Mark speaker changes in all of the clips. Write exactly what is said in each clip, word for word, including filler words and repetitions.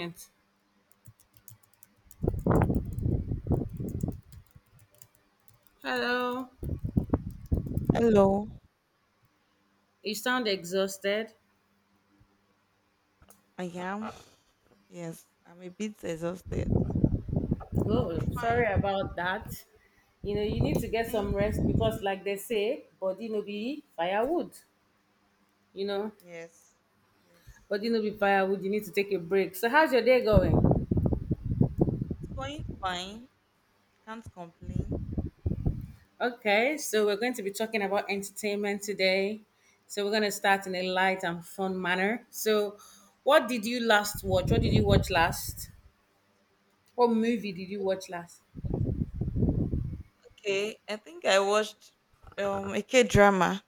Speaker 1: Entertainment. Hello.
Speaker 2: Hello,
Speaker 1: You sound exhausted.
Speaker 2: I am. Yes, I'm a bit exhausted. I'll
Speaker 1: Oh,
Speaker 2: be fine.
Speaker 1: sorry about that. You know, you need to get some
Speaker 2: Thank
Speaker 1: rest because,
Speaker 2: you.
Speaker 1: like they say, body no be firewood. You know,
Speaker 2: Yes, yes. It's
Speaker 1: Body no be firewood. You need to take a break. So, how's your day going?
Speaker 2: going fine. Can't complain.
Speaker 1: Okay, so we're going to be talking about entertainment today. So, we're going to start in a light and fun manner. So, what did you last watch? What did you watch last? What movie did you watch last?
Speaker 2: Okay, I think I watched um a K drama.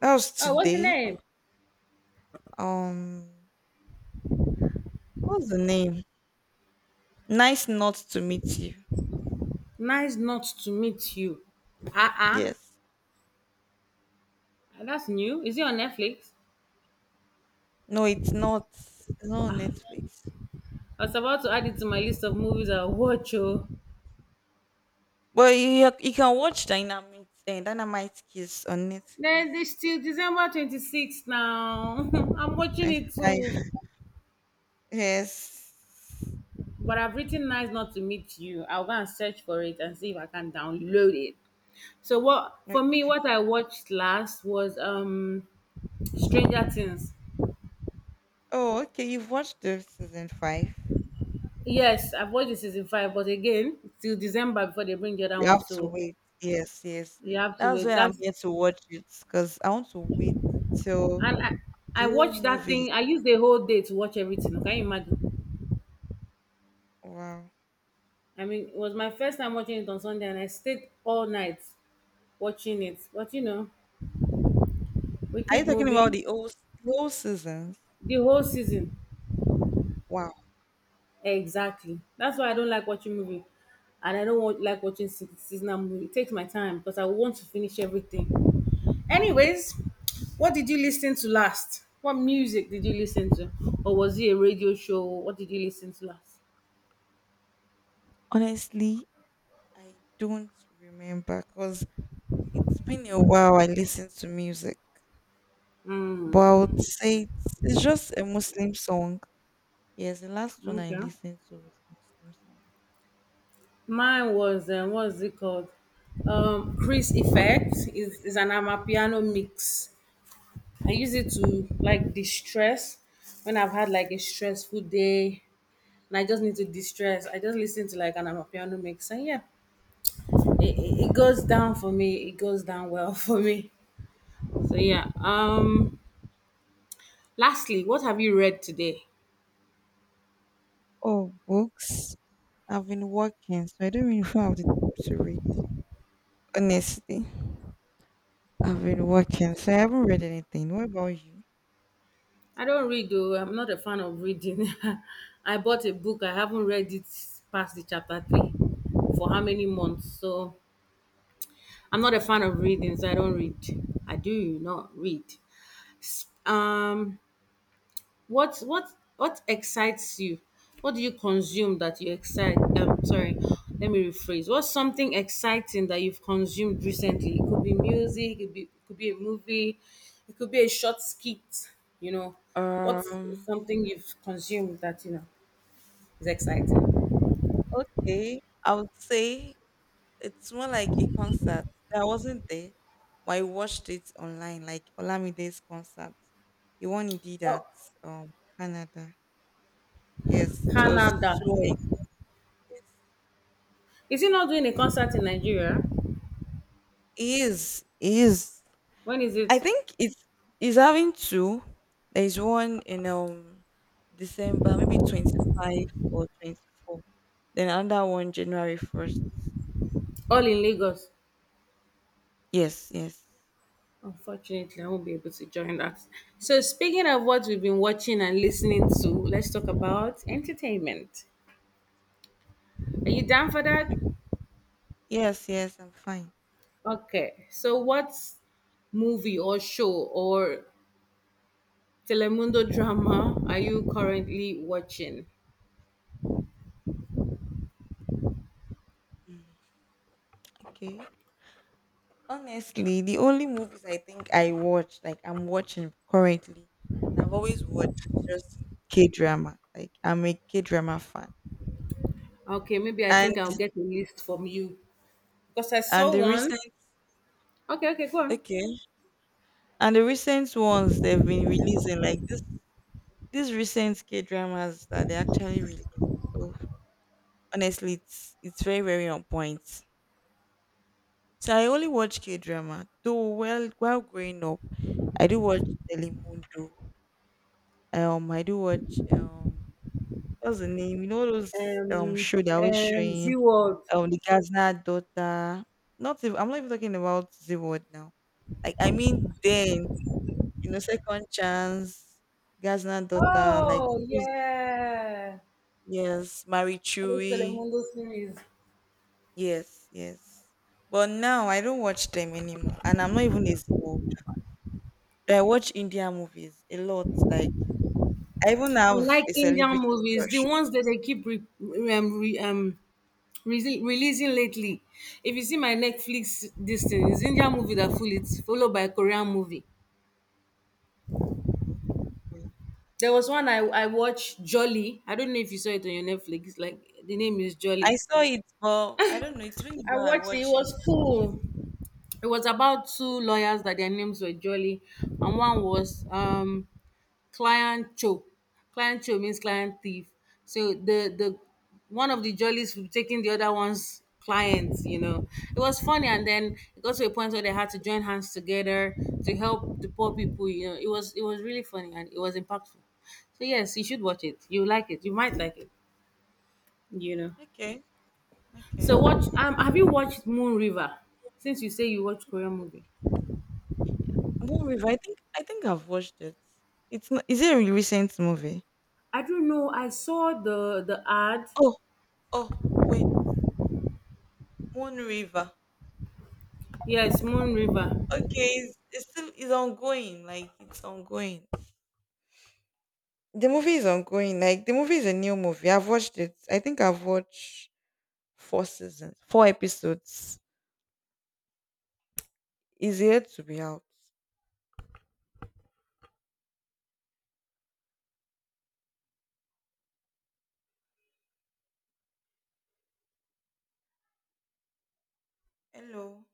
Speaker 2: That was
Speaker 1: Oh, what's the
Speaker 2: today.
Speaker 1: name?
Speaker 2: Um, what's the name? Nice not to meet you.
Speaker 1: Nice not to meet you. Ah ah,
Speaker 2: Yes.
Speaker 1: Ah, that's new. Is it on Netflix?
Speaker 2: No, it's not. It's not on Netflix.
Speaker 1: I was about to add it to my list of movies I watch. Oh,
Speaker 2: But you you can watch Dynamite uh, Dynamite Kiss on Netflix.
Speaker 1: then this till December twenty sixth now. I'm watching
Speaker 2: Twenty
Speaker 1: it
Speaker 2: five.
Speaker 1: too,
Speaker 2: Yes.
Speaker 1: but I've written nice not to meet you. I'll go and search for it and see if I can download it. So what for
Speaker 2: Like,
Speaker 1: me, what I watched last was um Stranger Things.
Speaker 2: oh, okay, you've watched the season five.
Speaker 1: Yes, I've watched the season five, but again, till December before they bring the other
Speaker 2: You
Speaker 1: one.
Speaker 2: have to
Speaker 1: So
Speaker 2: wait. Yes, yes.
Speaker 1: you have to
Speaker 2: That's
Speaker 1: wait.
Speaker 2: why I'm
Speaker 1: That's
Speaker 2: here to watch it because I want to wait till
Speaker 1: and I,
Speaker 2: the
Speaker 1: I
Speaker 2: whole
Speaker 1: watched that
Speaker 2: movie.
Speaker 1: thing. I used the whole day to watch everything. Can you imagine?
Speaker 2: Wow.
Speaker 1: I mean, it was my first time watching it on Sunday, and I stayed all night watching it. But you know, we
Speaker 2: Are
Speaker 1: keep
Speaker 2: you talking about
Speaker 1: moving
Speaker 2: the whole, s- the whole seasons?
Speaker 1: the whole season.
Speaker 2: Wow.
Speaker 1: Exactly. That's why I don't like watching movie, and I don't want, like watching se- seasonal movie. It takes my time because I want to finish everything. Anyways, what did you listen to last? What music did you listen to, or was it a radio show? What did you listen to last?
Speaker 2: Honestly, I don't remember because it's been a while I listened to music. But I
Speaker 1: Mm,
Speaker 2: would say it's, it's just a Muslim song. Yes, the last one I
Speaker 1: okay.
Speaker 2: listened to was Muslim song.
Speaker 1: Mine was um, what's it called? Um, Chris Effect is is an amapiano mix. I use it to like distress when I've had like a stressful day and I just need to distress. I just listen to like an amapiano mix and yeah, it, it, it goes down for me. It goes down well for me. So yeah. Um. Lastly, what have you read today?
Speaker 2: Oh, books. I've been working, so I don't really have the time to read. Honestly, I've been working, so I haven't read anything. What about you?
Speaker 1: I don't read though. I'm not a fan of reading. I bought a book. I haven't read it past the chapter three for how many months. So I'm not a fan of reading, so I don't read. I do not read. Um what what what excites you? What do you consume that you excite? Um, sorry, let me rephrase. What's something exciting that you've consumed recently? It could be music. It could be it could be a movie. It could be a short skit. You know, what's
Speaker 2: Um,
Speaker 1: something you've consumed that you know is exciting?
Speaker 2: okay. I would say it's more like a concert. I wasn't there, but I watched it online, like Olamide's concert, the one he did at
Speaker 1: Oh,
Speaker 2: um Canada. Yes, it was
Speaker 1: Canada.
Speaker 2: so.
Speaker 1: Is he not doing a concert in Nigeria?
Speaker 2: It is. It is.
Speaker 1: When is it?
Speaker 2: I think it's is having two. There is one in um December, maybe twenty five or twenty four. Then another one January first.
Speaker 1: All in Lagos.
Speaker 2: Yes, yes,
Speaker 1: Unfortunately, I won't be able to join that. So, speaking of what we've been watching and listening to, let's talk about entertainment. Are you down for that?
Speaker 2: I- yes, yes. I'm fine.
Speaker 1: Okay. So, what movie or show or Telemundo drama are you currently watching?
Speaker 2: Okay. Honestly, the only movies I think I watched, like I'm watching currently, and I've always watched is just K drama. Like I'm a K drama fan,
Speaker 1: Okay, maybe I
Speaker 2: and
Speaker 1: think I'll get a list from you because I
Speaker 2: and
Speaker 1: saw
Speaker 2: the
Speaker 1: one.
Speaker 2: recent
Speaker 1: Okay, okay, go on.
Speaker 2: okay, and the recent ones they've been releasing like this. These recent K dramas that they actually release, oh, honestly, it's it's very very on point. So I only watch K drama. Though well while growing up, I do watch Telemundo. Um, I do watch um what's the name? You know those um
Speaker 1: Um,
Speaker 2: show they are always
Speaker 1: um, Z
Speaker 2: showing
Speaker 1: World.
Speaker 2: um the Gazna daughter. Not even, I'm not even talking about the word now. Like I mean then you know second chance, Gazna daughter like
Speaker 1: Oh
Speaker 2: those,
Speaker 1: yeah,
Speaker 2: yes, Marie
Speaker 1: that is
Speaker 2: Chewy.
Speaker 1: Telemundo series.
Speaker 2: Yes, yes. But now I don't watch them anymore, and I'm not even a zero. I watch Indian movies a lot. Like I even
Speaker 1: I
Speaker 2: have
Speaker 1: like
Speaker 2: a
Speaker 1: Indian
Speaker 2: celebrity
Speaker 1: movies, the
Speaker 2: crush.
Speaker 1: ones that they keep re, um, re, um releasing releasing lately. If you see my Netflix, this thing is Indian movie that full it, followed by Korean movie.
Speaker 2: Oh, okay.
Speaker 1: There was one I I watched Jolly. I don't know if you saw it on your Netflix. Like the name is Jolly.
Speaker 2: I saw it, but I don't know. It's really
Speaker 1: I
Speaker 2: bad. I
Speaker 1: watched it. It
Speaker 2: watch Indian.
Speaker 1: was cool. It was about two lawyers that their names were Jolly, and one was um Client Cho. Client Cho means client thief. So the the one of the jollies was taking the other one's clients, you know. It was funny and then it got to a point where they had to join hands together to help the poor people, you know. It was it was really funny and it was impactful. So yes, you should watch it. You like it. You might like it, you know.
Speaker 2: Okay,
Speaker 1: So
Speaker 2: okay.
Speaker 1: watch um have you watched Moon River? Since you say you watch Korean movie.
Speaker 2: Moon River. I think I think I've watched it. It's not. Is it a recent movie?
Speaker 1: I don't know. I saw the the ad.
Speaker 2: Oh, oh, wait. Moon River.
Speaker 1: Yes, Moon River.
Speaker 2: Okay, it's, it's still it's ongoing. Like it's ongoing. The movie is ongoing. Like the movie is a new movie. I've watched it. I think I've watched four seasons, four episodes. Is yet to be out. Hello.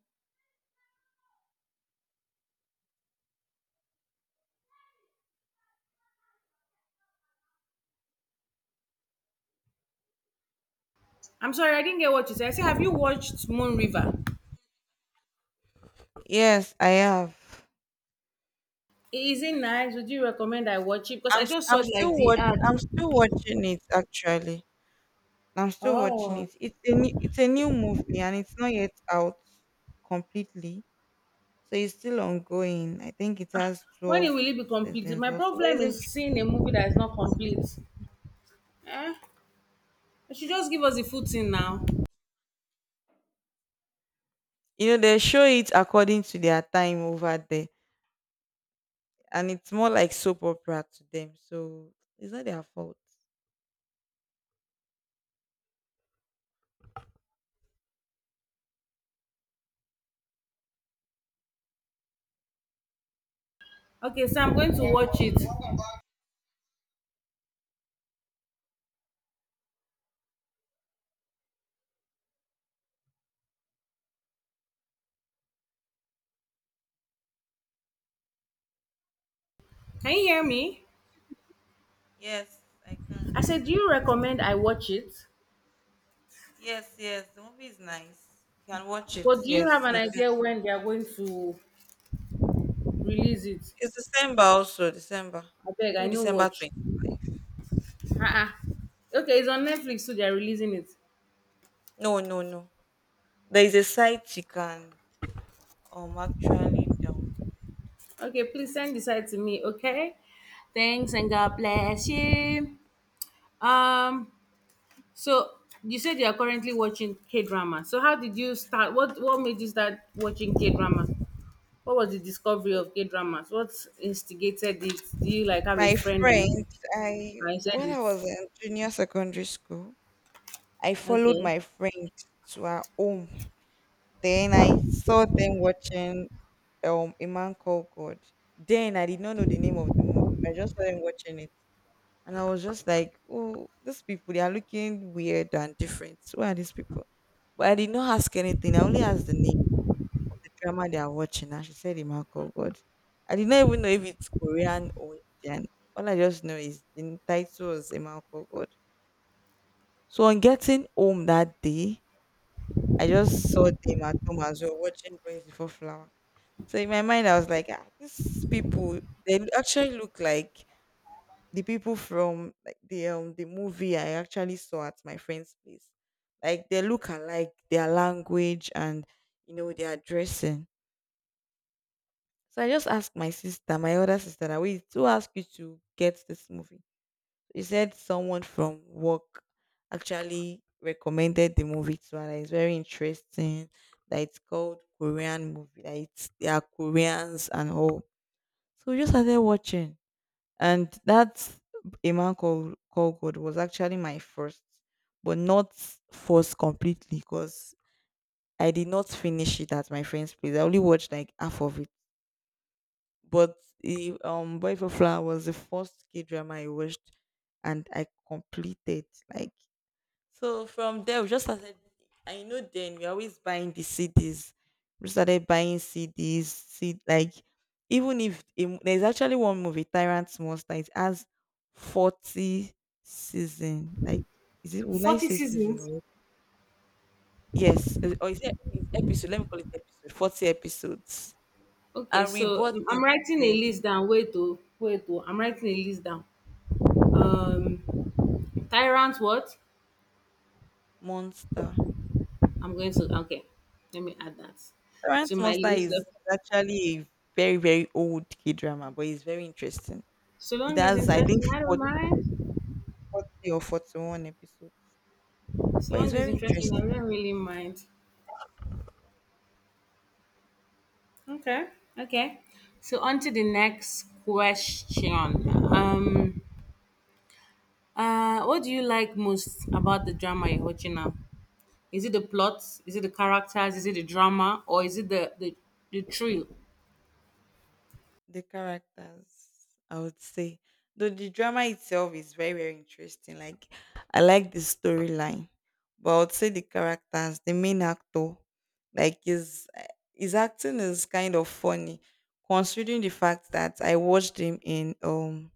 Speaker 1: I'm sorry, I didn't get what you said. I said, have you watched Moon River?
Speaker 2: Yes, I have.
Speaker 1: Is it nice? Would you recommend I watch it? Because
Speaker 2: I'm
Speaker 1: I
Speaker 2: s-
Speaker 1: just saw
Speaker 2: I'm still
Speaker 1: like the
Speaker 2: watch
Speaker 1: ad.
Speaker 2: I'm still watching it actually. I'm still watching
Speaker 1: Oh,
Speaker 2: it. It's a new, it's a new movie and it's not yet out completely. So it's still ongoing. I think it has
Speaker 1: when it
Speaker 2: twelve
Speaker 1: will it be completed?
Speaker 2: seasons
Speaker 1: My
Speaker 2: or so. But
Speaker 1: problem
Speaker 2: isn't
Speaker 1: is seeing a movie that is not complete. Eh? They should just give us the full thing now.
Speaker 2: you know they show it according to their time over there, and it's more like soap opera to them. So it's not their fault.
Speaker 1: Okay, so I'm going to watch it. Can you hear me?
Speaker 2: Yes, I can.
Speaker 1: I said, do you recommend I watch it?
Speaker 2: Yes, yes, the movie is nice. You can watch it.
Speaker 1: But do you have
Speaker 2: Yes,
Speaker 1: an
Speaker 2: you can.
Speaker 1: idea when they are going to release it?
Speaker 2: It's December also, December.
Speaker 1: I beg, I
Speaker 2: Maybe
Speaker 1: know
Speaker 2: December
Speaker 1: watch.
Speaker 2: 20.
Speaker 1: Uh-uh. Okay, it's on Netflix, so they are releasing it.
Speaker 2: No, no, no. There is a site you can um actually down.
Speaker 1: Okay, please send this out to me, okay? Thanks and God bless you. Um, so you said you are currently watching K drama. So how did you start? What what made you start watching K drama? What was the discovery of K dramas? What instigated it? Do you like have a
Speaker 2: My
Speaker 1: friend
Speaker 2: friend,
Speaker 1: and
Speaker 2: I
Speaker 1: I said
Speaker 2: when I
Speaker 1: it?
Speaker 2: was in junior secondary school, I followed
Speaker 1: Okay,
Speaker 2: my friend to her home. Then I saw them watching um a man called God. Then I did not know the name of the movie, but I just saw them watching it, and I was just like, "Oh, these people, they are looking weird and different. Who are these people?" But I did not ask anything. I only asked the name of the drama they are watching, and she said, "A man called God." I did not even know if it's Korean or Indian. All I just know is the title was "A man called God." So on getting home that day, I just saw them at home as well watching Boys Before Flowers. So in my mind, I was like, ah, these people, they actually look like the people from like the um the movie I actually saw at my friend's place. Like they look alike, their language and you know their dressing. So I just asked my sister, my older sister, that we to ask you to get this movie. She said someone from work actually recommended the movie to her. That it's very interesting. That it's called Korean movie. That it's they are Koreans and all. So we just started watching, and that a man called called God was actually my first, but not first completely because I did not finish it at my friend's place. I only watched like half of it. But the um Boy for Flower was the first K drama I watched, and I completed like so from there, we just started. I know then we always buying the C Ds. We started buying C Ds. See, like even if a mo- there's actually one movie, Tyrant's Monster, it has forty season. Like, is it? Will I
Speaker 1: forty
Speaker 2: say season?
Speaker 1: seasons.
Speaker 2: Or, yes, uh, or is it it's episode? Let me call it episode. Forty episodes,
Speaker 1: Okay,
Speaker 2: and we
Speaker 1: so
Speaker 2: bought
Speaker 1: um,
Speaker 2: it.
Speaker 1: I'm writing a
Speaker 2: The
Speaker 1: list down. Wait, to wait, to I'm writing a list down. Um, tyrant what?
Speaker 2: Monster.
Speaker 1: I'm going to okay. Let me add that to
Speaker 2: Tyrant's
Speaker 1: my
Speaker 2: Monster
Speaker 1: list
Speaker 2: is
Speaker 1: of
Speaker 2: actually a very very old K drama, but it's very interesting.
Speaker 1: so
Speaker 2: It
Speaker 1: long is
Speaker 2: has, I think,
Speaker 1: interesting, I don't mind.
Speaker 2: forty or forty-one episodes.
Speaker 1: So
Speaker 2: But it's
Speaker 1: long is
Speaker 2: very
Speaker 1: interesting, I
Speaker 2: interesting.
Speaker 1: don't really mind. Okay. Okay. So on to the next question. Um uh what do you like most about the drama you're watching now? Is it the plot? Is it the characters? Is it the drama? Or is it the the, the thrill?
Speaker 2: The characters, I would say. Though the drama itself is very, very interesting. Like, I like the storyline. But I would say the characters, the main actor, like his his acting is kind of funny, considering the fact that I watched him in um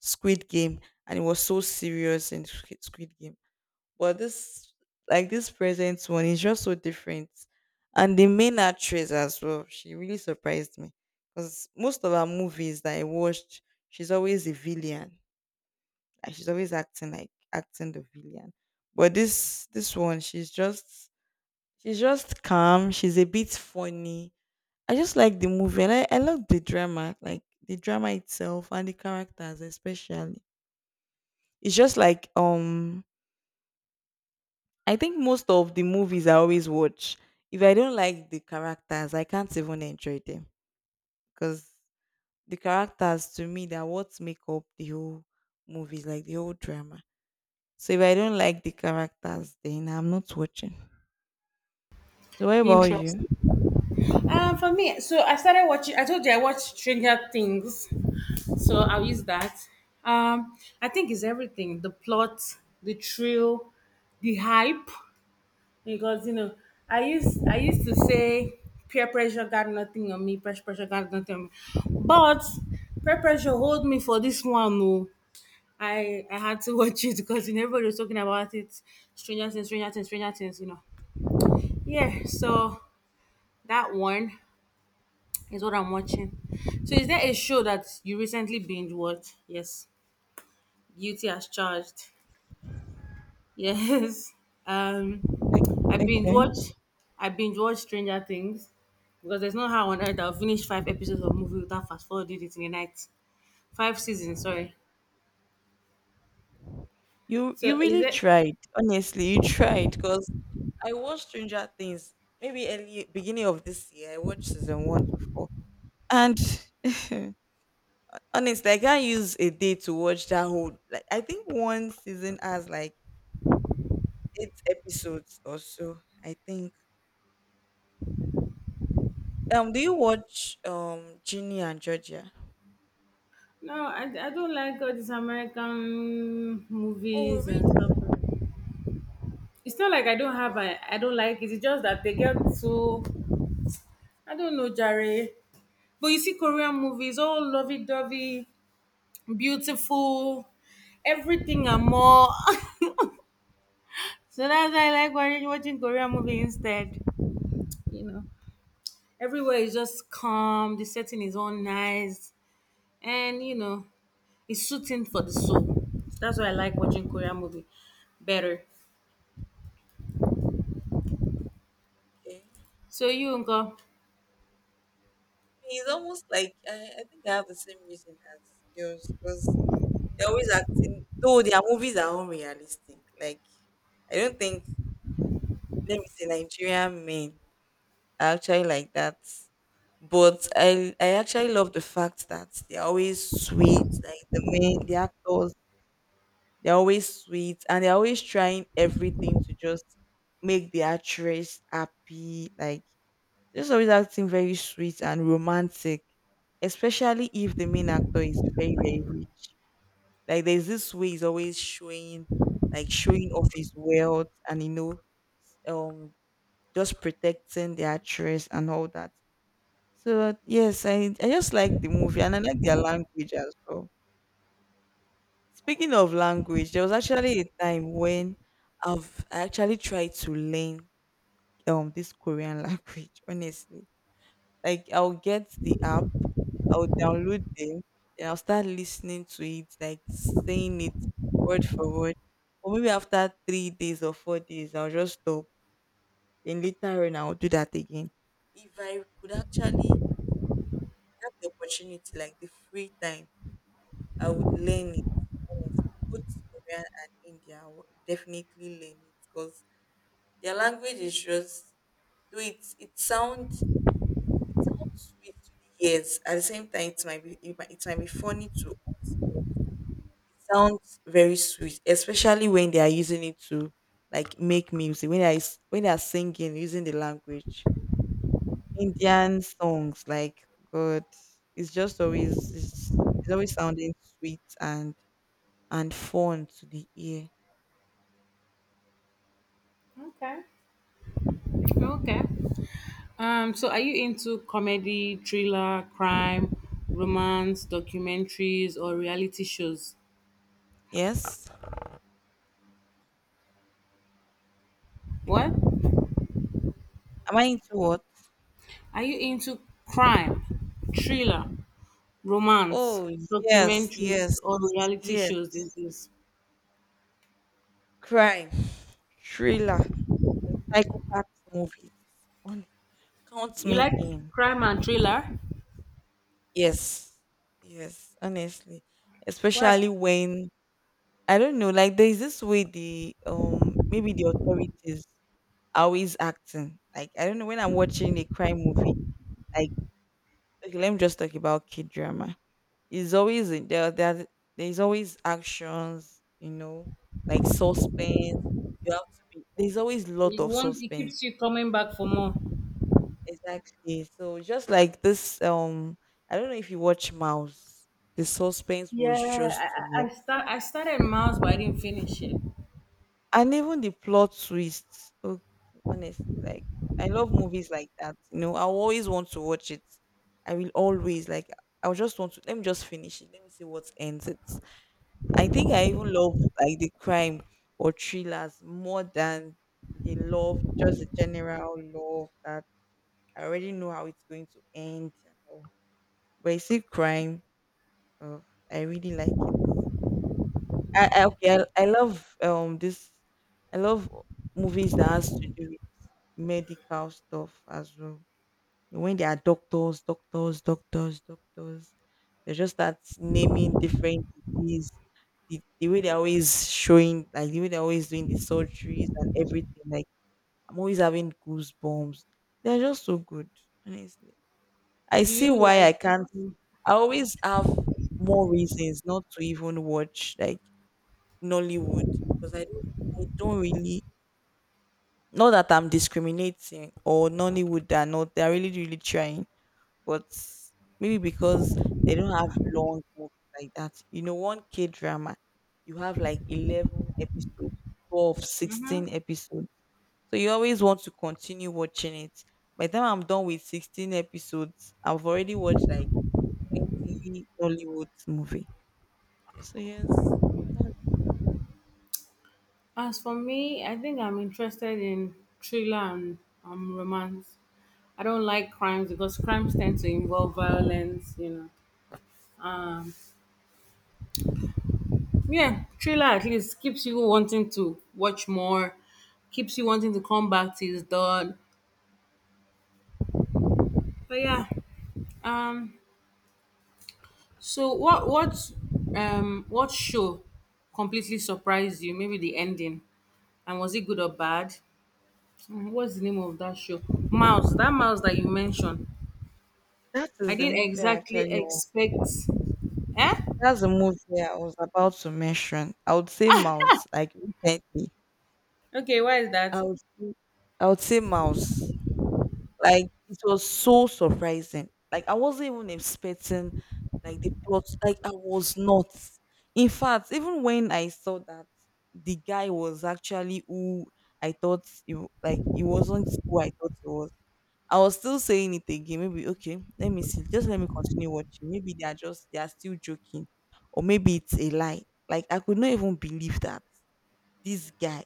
Speaker 2: Squid Game and he was so serious in Squid Squid Game. But this like this present one is just so different. And the main actress as well, she really surprised me. Because most of her movies that I watched, she's always a villain. Like she's always acting like acting the villain. But this this one, she's just she's just calm. She's a bit funny. I just like the movie and I, like, I love the drama, like the drama itself and the characters especially. It's just like um I think most of the movies I always watch, if I don't like the characters, I can't even enjoy them because the characters to me they're what make up the whole movies, like the whole drama. So if I don't like the characters, then I'm not watching. So what about you?
Speaker 1: Interesting. Um for me, so I started watching I told you I watched Stranger Things. So I'll use that. Um, I think it's everything: the plot, the thrill, the hype. Because you know, I used I used to say peer pressure got nothing on me, pressure pressure got nothing on me, but peer pressure hold me for this one. No, I I had to watch it because you know, everybody was talking about it. Stranger Things, Stranger Things, Stranger Things. You know, yeah. So that one is what I'm watching. So is there a show that you recently binge watched? Yes, Guilty as Charged. Yes. Um,
Speaker 2: O-
Speaker 1: I binge watch.
Speaker 2: Okay.
Speaker 1: I binge watch Stranger Things because there's no how on earth I'll finish five episodes of movie without fast forwarding it in a night. Five seasons, sorry.
Speaker 2: You
Speaker 1: So
Speaker 2: you
Speaker 1: is
Speaker 2: really
Speaker 1: it?
Speaker 2: tried. Honestly, you tried because I watched Stranger Things maybe early beginning of this year. I watched season one to four, and honestly, I can't use a day to watch that whole. Like I think one season has like eight episodes or so. I think. Um, do you watch um Ginny and Georgia?
Speaker 1: No, I, I don't like all these American
Speaker 2: Oh
Speaker 1: movies and
Speaker 2: really?
Speaker 1: stuff. It's not like
Speaker 2: Oh,
Speaker 1: I don't have
Speaker 2: wow.
Speaker 1: I I don't like it. It's just that they get so I don't know, Jerry. But you see Korean movies, all lovey dovey, beautiful, everything and more. So that's why I like watching watching Korean movie instead. You know, everywhere is just calm. The setting is all nice, and you know, it's soothing for the soul. That's why I like watching Korean movie better.
Speaker 2: Okay.
Speaker 1: So you Uncle,
Speaker 2: It's almost like I, I think I have the same reason as yours because they're always acting, though their movies are unrealistic. Like, I don't think, let me say, Nigerian men are actually like that. But I, I actually love the fact that they're always sweet. Like, the men, the actors, they're always sweet and they're always trying everything to just make the actress happy. Like, just always acting very sweet and romantic, especially if the main actor is very, very rich. Like there's this way he's always showing, like showing off his wealth and you know, um, just protecting the actress and all that. So yes, I I just like the movie and I like their language as well. Speaking of language, there was actually a time when I've I actually tried to learn um this Korean language, honestly. Like I'll get the app, I'll download them, and I'll start listening to it, like saying it word for word. Or maybe after three days or four days, I'll just stop. Then later on, I'll do that again. If I could actually have the opportunity, like the free time, I would learn it. Honestly, both Korean and India, I would definitely learn it because their language is just do it. It sounds sweet to the ears. At the same time, it might be it might, it might be funny too. It sounds very sweet, especially when they are using it to like make music. When they are, s- when they are singing using the language, Indian songs like God, it's just always it's, it's always sounding sweet and and fun to the ear.
Speaker 1: Okay. Okay. Um, so are you into comedy, thriller, crime, romance, documentaries, or reality shows?
Speaker 2: Yes,
Speaker 1: What
Speaker 2: am I into what?
Speaker 1: are you into? Crime, thriller, romance,
Speaker 2: Oh yes,
Speaker 1: documentaries,
Speaker 2: yes,
Speaker 1: or reality
Speaker 2: yes.
Speaker 1: shows these days?
Speaker 2: Crime, thriller, psychopath movies. Count
Speaker 1: You
Speaker 2: me
Speaker 1: like
Speaker 2: in.
Speaker 1: crime and thriller?
Speaker 2: Yes. Yes, honestly.
Speaker 1: Why?
Speaker 2: Especially when I don't know, like there is this way the um maybe the authorities are always acting. Like I don't know when I'm watching a crime movie, like okay, let me just talk about kid drama. It's always in- there there there's always actions, you know, like suspense. You have to be There's always lot
Speaker 1: You
Speaker 2: of
Speaker 1: want it
Speaker 2: suspense.
Speaker 1: keeps you coming back for more.
Speaker 2: Exactly. So just like this, um, I don't know if you watch Mouse. The suspense
Speaker 1: Yeah,
Speaker 2: was
Speaker 1: I,
Speaker 2: just too
Speaker 1: I I
Speaker 2: much,
Speaker 1: start. I started Miles, but I didn't finish it.
Speaker 2: and even the plot twists. Oh, honestly, like I love movies like that. You know, I always want to watch it. I will always like. I will just want to. Let me just finish it. Let me see what ends it. I think I even love like the crime or thrillers more than the love, just the general love that I already know how it's going to end and all. But you see, crime. Oh, I really like it. I, I okay, I, I love um this. I love movies that has to do with medical stuff as well. When there are doctors, doctors, doctors, doctors, they just start naming different disease. The, the way they're always showing, like the way they're always doing the surgeries and everything. Like I'm always having goosebumps. They're just so good, honestly. I
Speaker 1: Do
Speaker 2: see
Speaker 1: you
Speaker 2: why
Speaker 1: like?
Speaker 2: I can't. I always have more reasons not to even watch like Nollywood because I don't, I don't really. Not that I'm discriminating or Nollywood are not. They are really really trying, but maybe because they don't have long movies like that. You know, one K drama, you have like eleven episodes, twelve,
Speaker 1: hmm
Speaker 2: sixteen episodes. So you always want to continue watching it. By the time I'm done with sixteen episodes, I've already watched like twenty Nollywood movie. So yes, that,
Speaker 1: As for me, I think I'm interested in thriller and um, romance. I don't like crimes because crimes tend to involve violence. You know. Yeah, trailer at least keeps you wanting to watch more, keeps you wanting to come back till it's done. But yeah, um, so what what um what show completely surprised you? Maybe the ending, and was it good or bad? Mm, What's the name of that show? Mouse. That mouse that you mentioned.
Speaker 2: that
Speaker 1: I
Speaker 2: is the
Speaker 1: didn't
Speaker 2: movie I
Speaker 1: exactly
Speaker 2: actually wa-
Speaker 1: expect. Eh?
Speaker 2: That's the movie I was about to mention. I would say Mouse, like recently.
Speaker 1: Okay, why is that?
Speaker 2: I would say, I would say Mouse. Like it was so surprising. Like I wasn't even expecting like the plot. Like I was not. In fact, even when I saw that the guy was actually who I thought he w- like he wasn't who I thought he was. I was still saying it again. Maybe okay, let me see. Just let me continue watching. Maybe they are just they are still joking, or maybe it's a lie. Like I could not even believe that this guy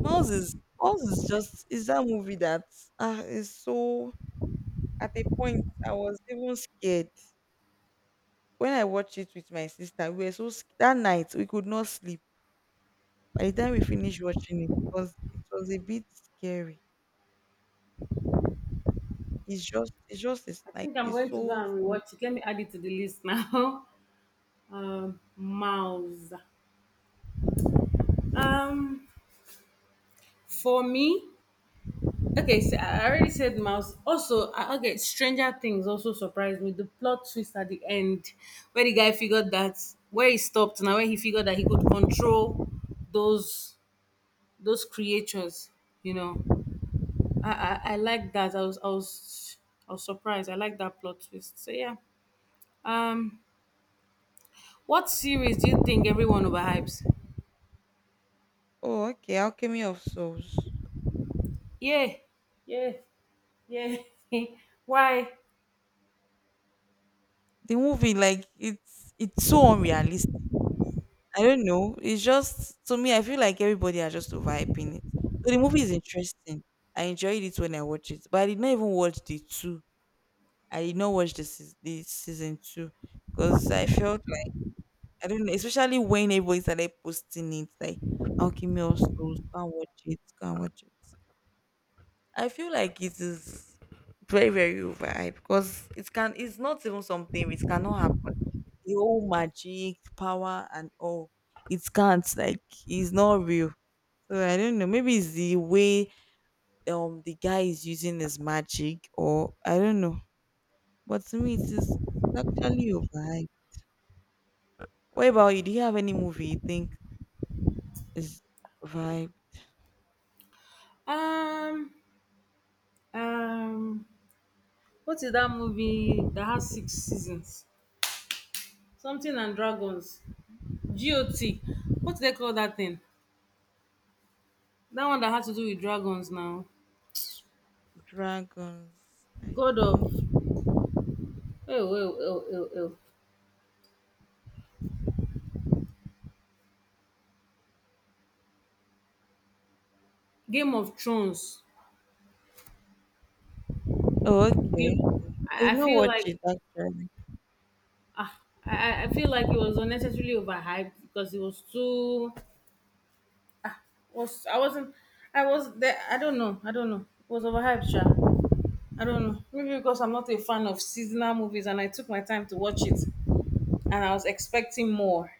Speaker 2: Miles is Miles is just is that movie that ah is so. At a point, I was even scared when I watched it with my sister. We were so sc- That night we could not sleep. By the time we finished watching it, because it was a bit scary. It's just it's just it's
Speaker 1: I
Speaker 2: like
Speaker 1: think I'm
Speaker 2: It's
Speaker 1: going to go
Speaker 2: so
Speaker 1: and
Speaker 2: so.
Speaker 1: rewatch it. Let me add it to the list now. Um, mouse. Um, For me, okay, so I already said mouse. Also, I- okay, Stranger Things also surprised me. The plot twist at the end, where the guy figured that where he stopped now, where he figured that he could control those those creatures. You know, I I, I like that. I was I was I was surprised. I like that plot twist. So yeah. Um, what series do you think everyone overhypes?
Speaker 2: Oh okay, Alchemy of Souls.
Speaker 1: Yeah, yeah, yeah. Why?
Speaker 2: The movie, like it's it's so unrealistic. I don't know. It's just to me, I feel like everybody are just overhyping it. So the movie is interesting. I enjoyed it when I watched it, but I did not even watch the two. I did not watch the seas- the season two because I felt like I don't know, especially when everybody started posting it, like Alchemy of Souls, go and watch it, go and watch it. I feel like it is very very overhyped because it can it's not even something. It cannot happen, the whole magic power and all. It can't, like, it's not real. So i don't know, maybe it's the way um the guy is using his magic, or i don't know. But to me, it is actually a vibe. what about you? Do you have any movie you think is vibe?
Speaker 1: Um, um. What is that movie that has six seasons? Something and Dragons. G O T. What do they call that thing? That one that has to do with dragons now.
Speaker 2: Dragons i
Speaker 1: God of.
Speaker 2: don't.
Speaker 1: Oh, oh, oh, oh, oh. Oh. Game of Thrones.
Speaker 2: Oh, okay.
Speaker 1: Game.
Speaker 2: I
Speaker 1: I,
Speaker 2: did
Speaker 1: I
Speaker 2: not
Speaker 1: feel
Speaker 2: watch
Speaker 1: like.
Speaker 2: it actually.
Speaker 1: ah, I, I I feel like it was unnecessarily overhyped because it was too. Was I wasn't. I was there. I don't know. I don't know. It was overhyped, sure. I don't know. Maybe because I'm not a fan of seasonal movies and I took my time to watch it. And I was expecting more.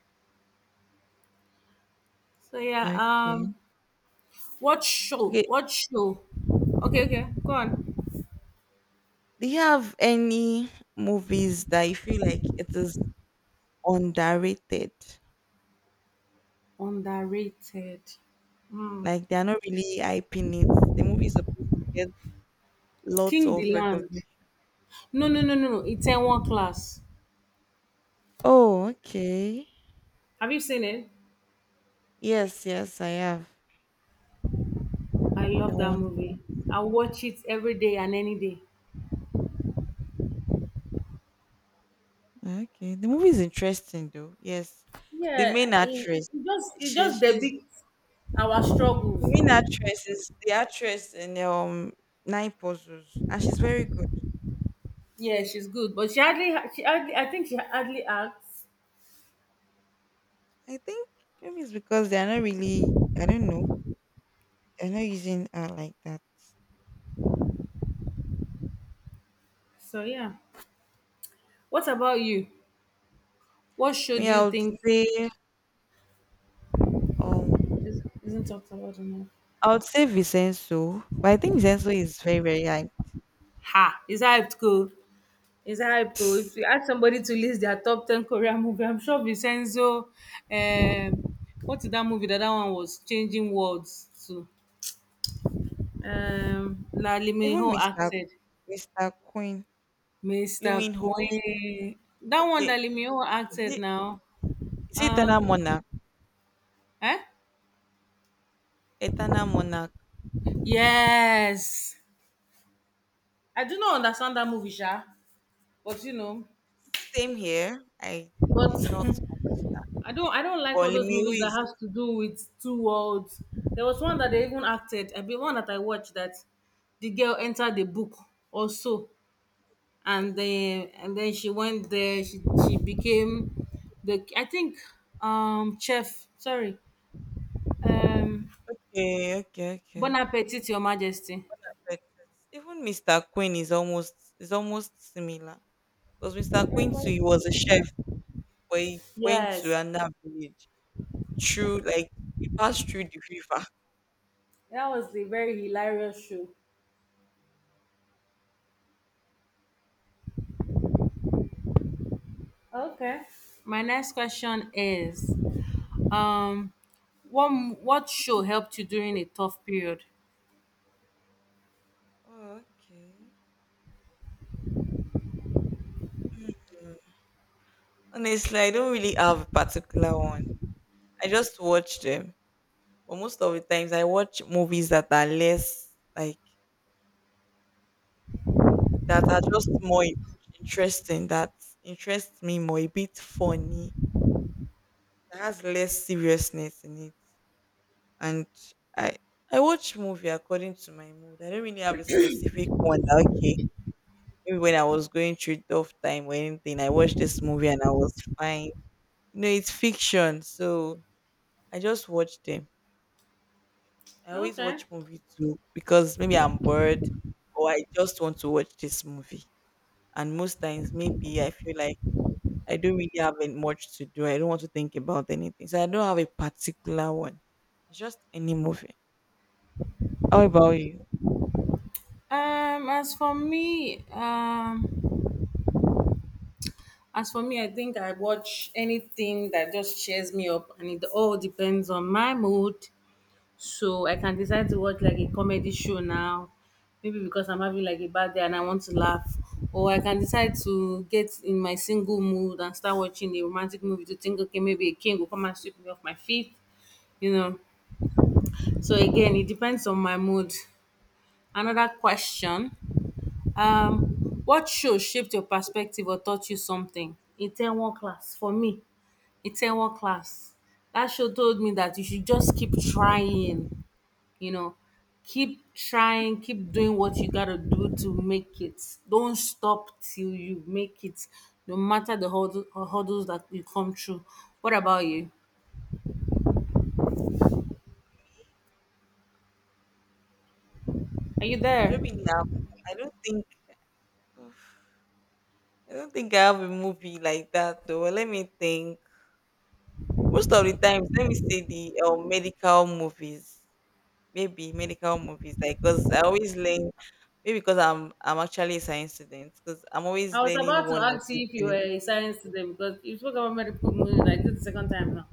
Speaker 1: So yeah, um
Speaker 2: Okay.
Speaker 1: what show?
Speaker 2: Okay.
Speaker 1: What show? Okay, okay, go on.
Speaker 2: Do you have any movies that you feel like it is underrated?
Speaker 1: Underrated. Mm.
Speaker 2: Like they are not really hyping it. The movie is supposed to get lots
Speaker 1: King
Speaker 2: of
Speaker 1: the Land.
Speaker 2: recognition.
Speaker 1: No, no, no, no, no. It's in one class.
Speaker 2: Oh, okay.
Speaker 1: Have you seen it?
Speaker 2: Yes, yes, I have.
Speaker 1: I love
Speaker 2: The
Speaker 1: that
Speaker 2: one.
Speaker 1: movie. I watch it every day and any day.
Speaker 2: Okay. The movie is interesting though. Yes. The
Speaker 1: Yeah,
Speaker 2: main
Speaker 1: it,
Speaker 2: actress.
Speaker 1: It just it just
Speaker 2: She's she's
Speaker 1: depicts our
Speaker 2: the
Speaker 1: struggles.
Speaker 2: main actress is the actress in um Nine Puzzles, and she's very good.
Speaker 1: Yeah, she's good, but she hardly she hardly I think she hardly acts.
Speaker 2: I think maybe it's because they're not really, I don't know, they're not using art like that.
Speaker 1: So yeah. What about you? What show
Speaker 2: Me,
Speaker 1: do you
Speaker 2: I would
Speaker 1: think
Speaker 2: say, um,
Speaker 1: Is- isn't talked about enough.
Speaker 2: I would say Vincenzo, but I think Vincenzo is very, very like,
Speaker 1: Ha! It's hyped, go. It's hyped, go. If you ask somebody to list their top ten Korean movie, I'm sure Vincenzo, um, what is that movie that that one was? Changing Words to. Um, that Lee Min
Speaker 2: even
Speaker 1: Ho
Speaker 2: mister
Speaker 1: acted.
Speaker 2: mister Queen, Lee
Speaker 1: Mister
Speaker 2: Min Ho.
Speaker 1: Queen. That one
Speaker 2: Okay,
Speaker 1: that Lee Min Ho
Speaker 2: is
Speaker 1: acted
Speaker 2: it,
Speaker 1: now.
Speaker 2: is it
Speaker 1: Uh,
Speaker 2: Eternal Monarch?
Speaker 1: eh?
Speaker 2: Eternal Monarch.
Speaker 1: Yes. I do not understand that movie, Sha. But you know,
Speaker 2: Same here. I
Speaker 1: but
Speaker 2: did not.
Speaker 1: I don't I don't like
Speaker 2: But
Speaker 1: all
Speaker 2: Lee
Speaker 1: those
Speaker 2: Min Ho
Speaker 1: movies that
Speaker 2: is
Speaker 1: has to do with two worlds. There was one that they even acted. I mean, one that I watched that the girl entered the book also, and then and then she went there. She she became the I think um chef. Sorry, um
Speaker 2: okay, okay,
Speaker 1: Bon
Speaker 2: okay.
Speaker 1: Appetit, Your Majesty.
Speaker 2: But even mister Queen is almost is almost similar because mister Queen too, he was a chef. But he went to
Speaker 1: Yes,
Speaker 2: another village through, like, he passed through the river.
Speaker 1: that was the very hilarious show. Okay. My next question is Um, what m- what show helped you during a tough period?
Speaker 2: Oh, okay. Honestly, I don't really have a particular one. I just watch them. But most of the times I watch movies that are less like that are just more in- interesting, that interest me more, a bit funny, that has less seriousness in it. And I I watch movie according to my mood. I don't really have a specific one. that, okay, maybe when I was going through tough time or anything, I watched this movie and I was fine. You know, it's fiction, so I just watch them. I always
Speaker 1: Okay.
Speaker 2: watch movies too because maybe I'm bored or I just want to watch this movie. And most times, maybe I feel like I don't really have any- much to do. I don't want to think about anything, so I don't have a particular one. It's just any movie. How about you?
Speaker 1: Um, as for me, um, as for me, I think I watch anything that just cheers me up, and it all depends on my mood. So I can decide to watch like a comedy show now, maybe because I'm having like a bad day and I want to laugh, or I can decide to get in my single mood and start watching a romantic movie to think, okay, maybe a king will come and sweep me off my feet, you know. So again, it depends on my mood. Another question. Um, what show shaped your perspective or taught you something? Itaewon Class. For me, Itaewon Class. That show told me that you should just keep trying, you know, keep trying, keep doing what you gotta do to make it. Don't stop till you make it, no matter the hurdle, hurdles that you come through. What about you? Are
Speaker 2: Mm.
Speaker 1: you
Speaker 2: I
Speaker 1: there?
Speaker 2: don't mean now. I don't think. I don't think I have a movie like that though. Let me think. Most of the times, let me say the um, medical movies, maybe medical movies, like because I always learn. Maybe because I'm I'm actually a science student, because I'm
Speaker 1: I
Speaker 2: always
Speaker 1: was
Speaker 2: learning
Speaker 1: about to
Speaker 2: one or
Speaker 1: ask
Speaker 2: two
Speaker 1: you if you were
Speaker 2: things.
Speaker 1: a science today because you spoke about medical moon like this is the second time now.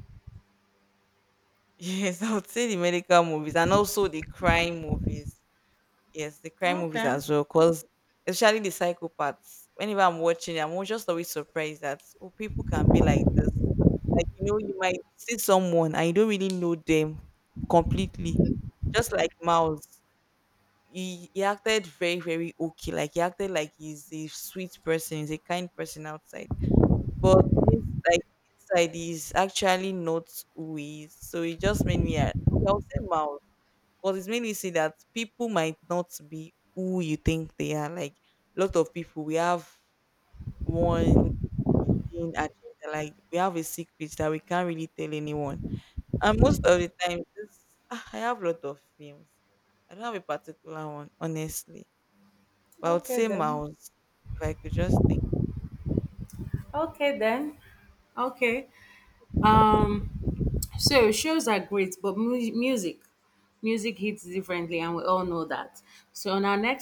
Speaker 2: Yes, I would say the medical movies and also the crime movies. Yes, the crime movies
Speaker 1: Okay.
Speaker 2: as well, because especially the psychopaths. Whenever I'm watching it, I'm al- just always surprised that oh, people can be like this. Like you know, you might see someone and you don't really know them completely, just like mouse. he, he acted very very okay, like he acted like he's a sweet person, he's a kind person outside, but it's like inside he's actually not who he is. So it just made me uh, okay, i'll say Miles because it's made me see that people might not be who you think they are, like a lot of people we have one hidden agenda, like we have a secret that we can't really tell anyone. And most of the time this, ah, i have a lot of films. I don't have a particular one honestly, but I would
Speaker 1: Okay
Speaker 2: say
Speaker 1: then.
Speaker 2: Mouse if I could just think.
Speaker 1: Okay then. Okay. Um. So shows are great, but mu- music, music hits differently, and we all know that. So on our next